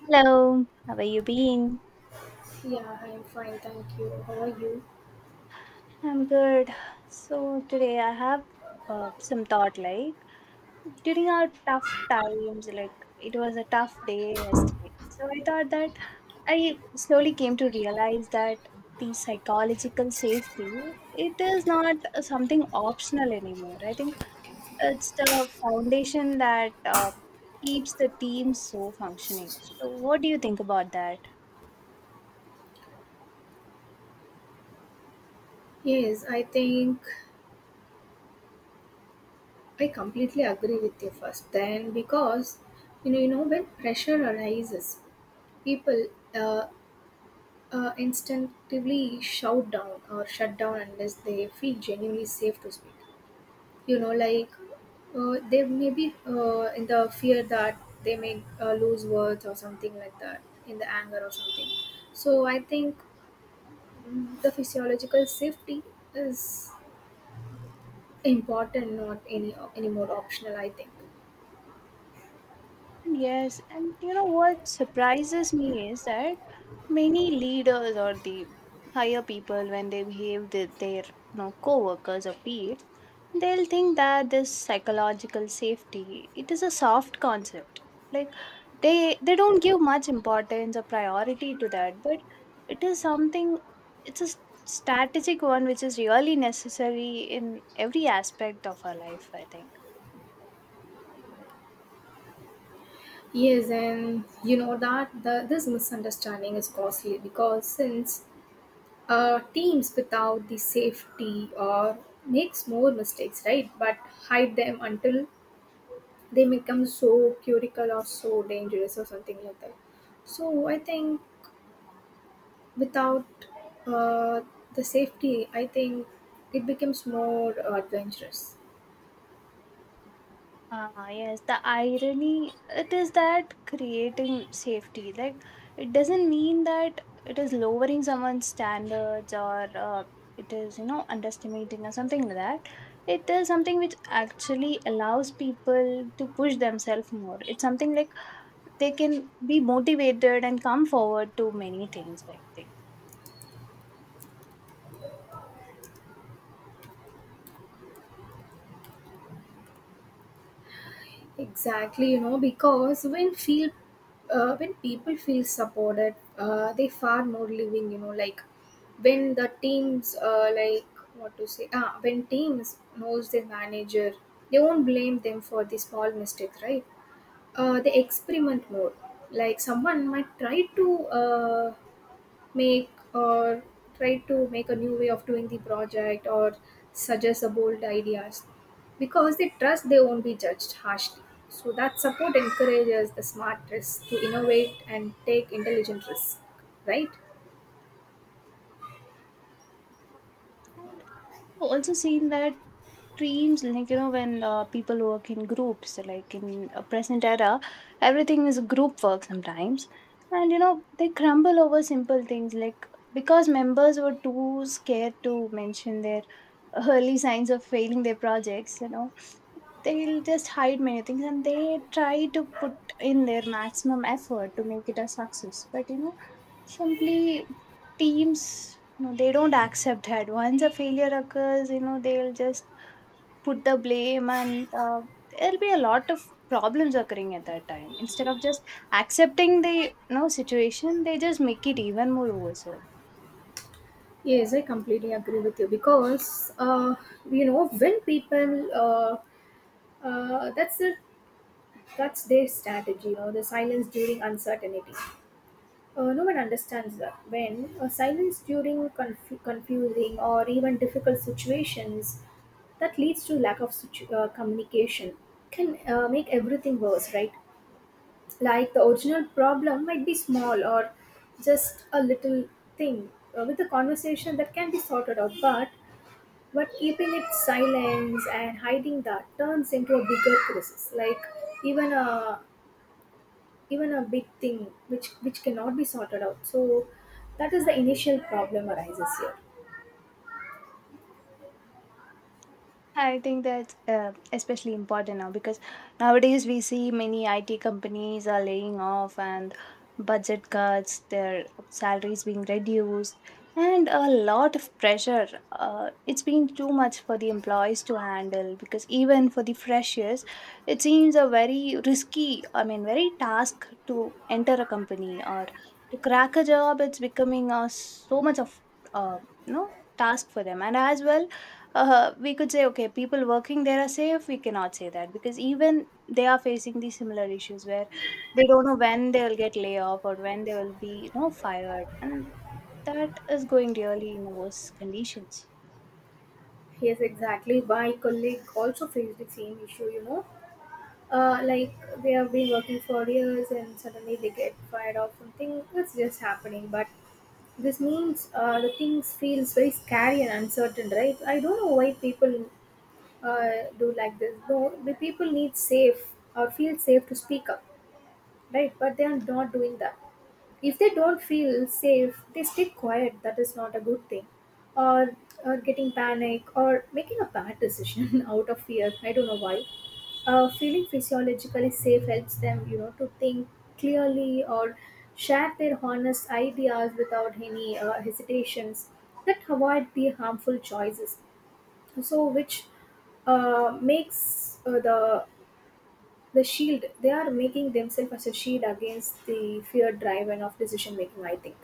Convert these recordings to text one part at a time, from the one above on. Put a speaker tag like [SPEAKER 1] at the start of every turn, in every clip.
[SPEAKER 1] Hello, how are you being?
[SPEAKER 2] Yeah, I'm fine, thank you. How are you?
[SPEAKER 1] I'm good. So today I have some thought, like during our tough times. Like it was a tough day yesterday. So I thought that I slowly came to realize that the psychological safety, it is not something optional anymore. I think it's the foundation that keeps the team so functioning. So what do you think about that?
[SPEAKER 2] Yes, I think I completely agree with you first. Then, because when pressure arises, people uh, instinctively shout down or shut down unless they feel genuinely safe to speak. You know, like they may be in the fear that they may lose words or something like that, in the anger or something. So I think the physiological safety is important, not any more optional, I think.
[SPEAKER 1] Yes, and you know what surprises me is that many leaders or the higher people, when they behave with their, you know, co-workers or peers, they'll think that this psychological safety, it is a soft concept. Like they don't give much importance or priority to that, but it is something. It's a strategic one, which is really necessary in every aspect of our life, I think.
[SPEAKER 2] Yes, and you know that this misunderstanding is costly because since teams without the safety or makes more mistakes, right, but hide them until they become so critical or so dangerous or something like that. So I think without uh, the safety, I think it becomes more adventurous.
[SPEAKER 1] Ah, yes, the irony it is that creating safety, like it doesn't mean that it is lowering someone's standards, or it is, you know, underestimating or something like that. It is something which actually allows people to push themselves more. It's something like they can be motivated and come forward to many things, I think.
[SPEAKER 2] Exactly, you know, because when feel when people feel supported, they far more living. You know, like when the teams, like what to say, ah, when teams knows their manager, they won't blame them for the small mistakes, right? They experiment more. Like someone might try to make or try to make a new way of doing the project or suggest a bold ideas, because they trust they won't be judged harshly. So that support encourages the smart risks to innovate and take intelligent risks, right?
[SPEAKER 1] And I've also seen that dreams, like, you know, when people work in groups, like in a present era, everything is group work sometimes, and you know they crumble over simple things, like because members were too scared to mention their early signs of failing their projects. You know, they'll just hide many things and they try to put in their maximum effort to make it a success. But you know, simply teams, you know, they don't accept that once a failure occurs. You know, they'll just put the blame, and there'll be a lot of problems occurring at that time instead of just accepting the, you know, situation. They just make it even more worse.
[SPEAKER 2] Yes, I completely agree with you because you know, when people that's it, that's their strategy, you know, the silence during uncertainty. No one understands that. When silence during confusing or even difficult situations that leads to lack of communication can make everything worse, right? Like the original problem might be small or just a little thing, with a conversation that can be sorted out, but keeping it silence and hiding that turns into a bigger crisis, like even a even a big thing which cannot be sorted out. So that is the initial problem arises here.
[SPEAKER 1] I think that's especially important now because nowadays we see many IT companies are laying off and budget cuts, their salaries being reduced, and a lot of pressure. It's been too much for the employees to handle because even for the freshers, it seems a very risky, I mean, very task to enter a company or to crack a job. It's becoming so much of uh, you know task for them, and as well, we could say okay, people working there are safe. We cannot say that because even they are facing these similar issues where they don't know when they will get layoff or when they will be, you know, fired, and that is going really in the worst conditions.
[SPEAKER 2] Yes, exactly, my colleague also faced the same issue, you know. Like they have been working for years and suddenly they get fired off, something that's just happening. But this means the things feels very scary and uncertain, right? I don't know why people uh, do like this. No, the people need safe or feel safe to speak up, right, but they are not doing that. If they don't feel safe, they stay quiet. That is not a good thing. or or getting panic or making a bad decision out of fear. I don't know why. Feeling physiologically safe helps them, you know, to think clearly or share their honest ideas without any hesitations. That avoid the harmful choices. So which makes the shield they are making themselves as a shield against the fear driven of decision making, I think.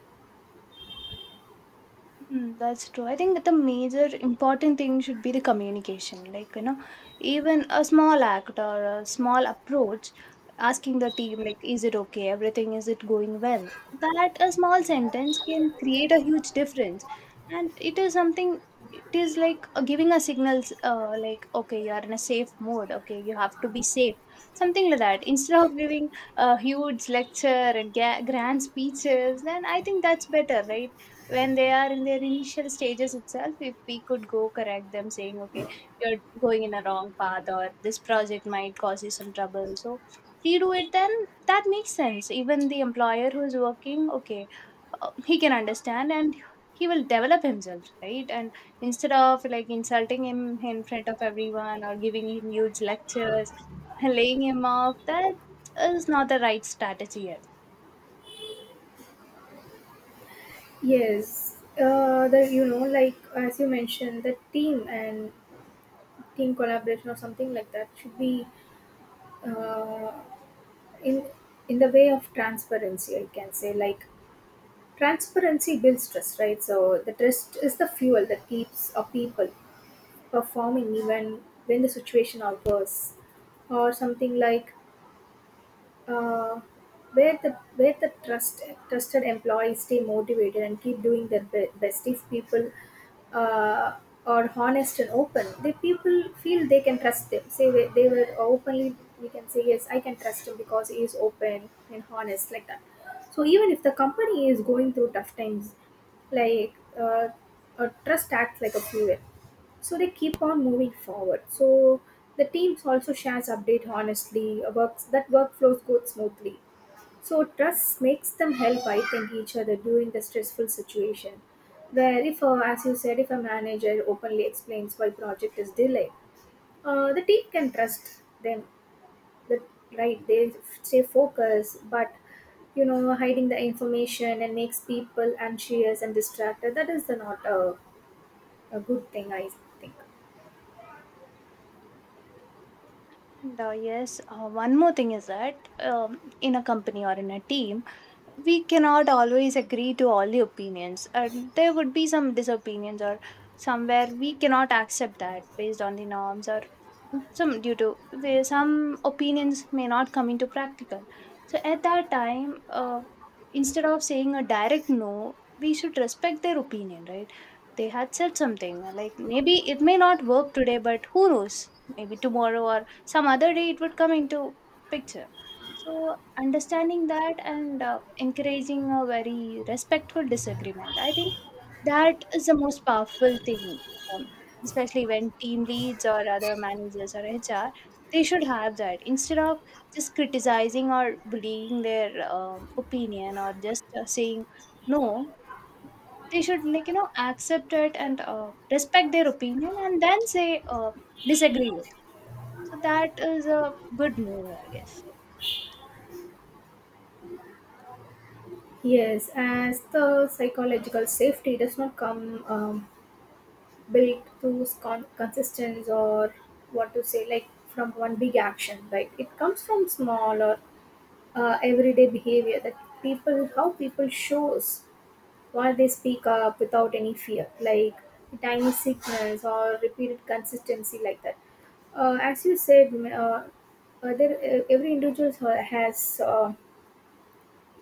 [SPEAKER 1] Mm, that's true. I think that the major important thing should be the communication. Like, you know, even a small act or a small approach, asking the team, like, is it okay? Everything, is it going well? That a small sentence can create a huge difference. And it is something, it is like giving a signals, like, okay, you are in a safe mode. Okay, you have to be safe. Something like that. Instead of giving a huge lecture and grand speeches, then I think that's better, right? When they are in their initial stages itself, if we could go correct them saying, okay, you're going in a wrong path or this project might cause you some trouble. So redo it, then that makes sense. Even the employer who is working, okay, he can understand and he will develop himself, right? And instead of like insulting him in front of everyone or giving him huge lectures and laying him off, that is not the right strategy.
[SPEAKER 2] Yes, uh, the, you know, like as you mentioned, the team and team collaboration or something like that should be uh, in the way of transparency, I can say, like transparency builds trust, right? So the trust is the fuel that keeps a people performing even when the situation are worse or something like uh, where the trust, trusted employees stay motivated and keep doing their best. If people uh, are honest and open, the people feel they can trust them, say they were openly, we can say yes, I can trust him because he is open and honest, like that. So even if the company is going through tough times, like uh, a trust acts like a fuel, so they keep on moving forward. So the teams also shares update honestly, works, that workflows go smoothly. So trust makes them help, I think, each other during the stressful situation, where if as you said, if a manager openly explains why project is delayed, the team can trust them. The Right, they stay focused, but you know, hiding the information and makes people anxious and distracted. That is the not a good thing, I think.
[SPEAKER 1] And yes, one more thing is that, in a company or in a team, we cannot always agree to all the opinions, and there would be some disopinions, or somewhere we cannot accept that based on the norms, or some due to there some opinions may not come into practical. So at that time, instead of saying a direct no, we should respect their opinion, right? They had said something like, maybe it may not work today, but who knows, maybe tomorrow or some other day it would come into picture. So understanding that and encouraging a very respectful disagreement, I think that is the most powerful thing, um, especially when team leads or other managers or HR, they should have that instead of just criticizing or bullying their opinion or just saying no. They should, like, you know, accept it and respect their opinion and then say, disagree with. So that is a good move, I guess.
[SPEAKER 2] Yes, as the psychological safety does not come built through consistence or what to say, like from one big action, right? It comes from small or everyday behavior, that people, how people shows why they speak up without any fear, like tiny sickness or repeated consistency like that. As you said, other, every individual has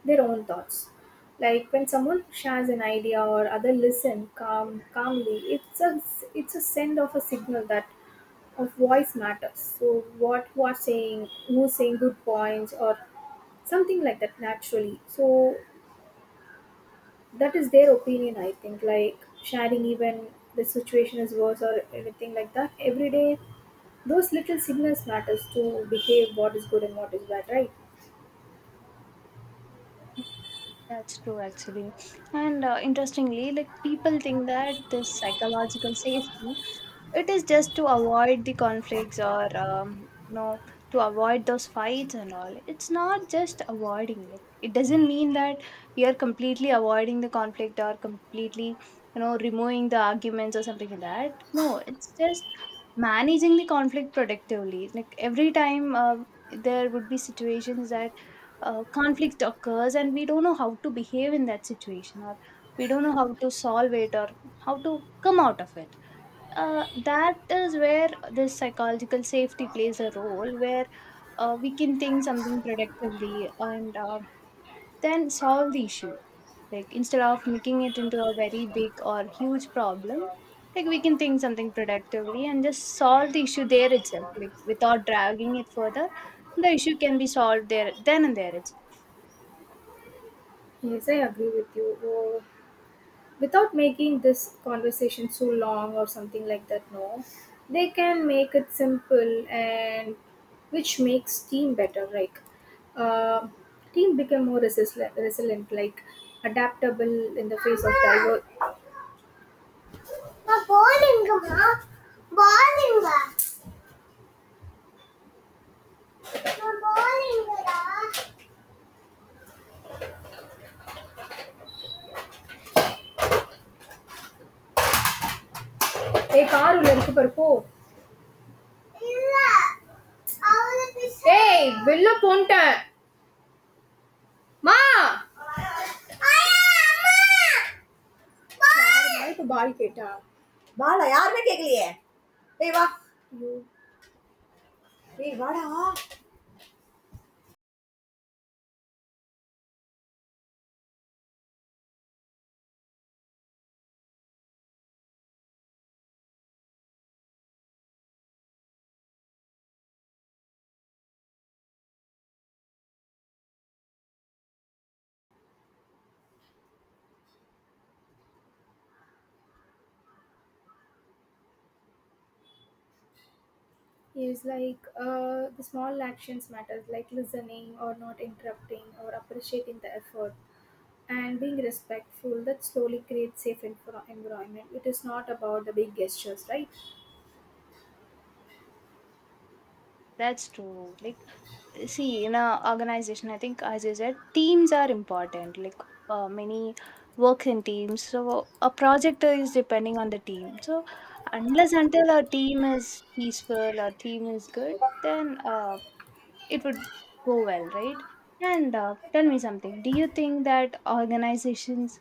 [SPEAKER 2] their own thoughts. Like when someone shares an idea or other listen calmly, it's a send of a signal that of voice matters. So what's saying, who's saying good points or something like that naturally. So that is their opinion, I think. Like sharing even the situation is worse or anything like that. Every day, those little signals matters to behave what is good and what is bad, right?
[SPEAKER 1] That's true, actually. And interestingly, like people think that this psychological safety, it is just to avoid the conflicts or, you know, to avoid those fights and all. It's not just avoiding it. It doesn't mean that we are completely avoiding the conflict or completely, you know, removing the arguments or something like that. No, it's just managing the conflict productively. Like every time, there would be situations that conflict occurs and we don't know how to behave in that situation, or we don't know how to solve it, or how to come out of it. Uh, that is where this psychological safety plays a role, where we can think something productively and then solve the issue, like instead of making it into a very big or huge problem. Like we can think something productively and just solve the issue there itself, like without dragging it further, the issue can be solved there then and there. It's
[SPEAKER 2] Yes, I agree with you. Oh, without making this conversation so long or something like that, no, they can make it simple and which makes team better, like uh, team become more resilient, like adaptable in the face of diver- நான் போலிங்கம்மா போலிங்க நான் போலிங்கடா ஏய் car உள்ள இருக்கு பாரு போ இல்ல அவளை பிச ஏய் வெளில போன்ட்டேன் Ma. Aaya, ma. Bal. No, no, no. Bal. Bal. Aaya, ma. Kehliye. Hey, what? You. Hey, what? Ah. It's like, ah, the small actions matter, like listening or not interrupting or appreciating the effort and being respectful. That slowly creates safe and for enjoyment. It is not about the big gestures, right?
[SPEAKER 1] that's true, like, see, in a organization, I think, as you said, teams are important. Like many work in teams, so a project is depending on the team. So unless until our team is peaceful, our team is good, then it would go well, right? And tell me something, do you think that organizations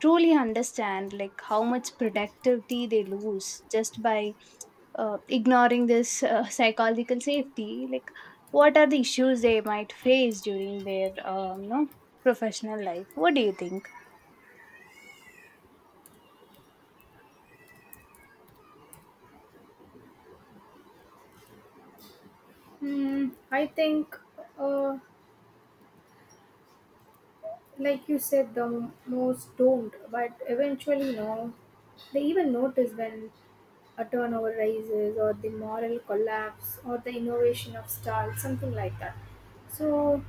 [SPEAKER 1] truly understand like how much productivity they lose just by ignoring this psychological safety, like what are the issues they might face during their you know professional life? What do you think?
[SPEAKER 2] Hmm. I think, ah, like you said, the most not but eventually, no, they even notice when a turnover rises or the moral collapse or the innovation of style, something like that. So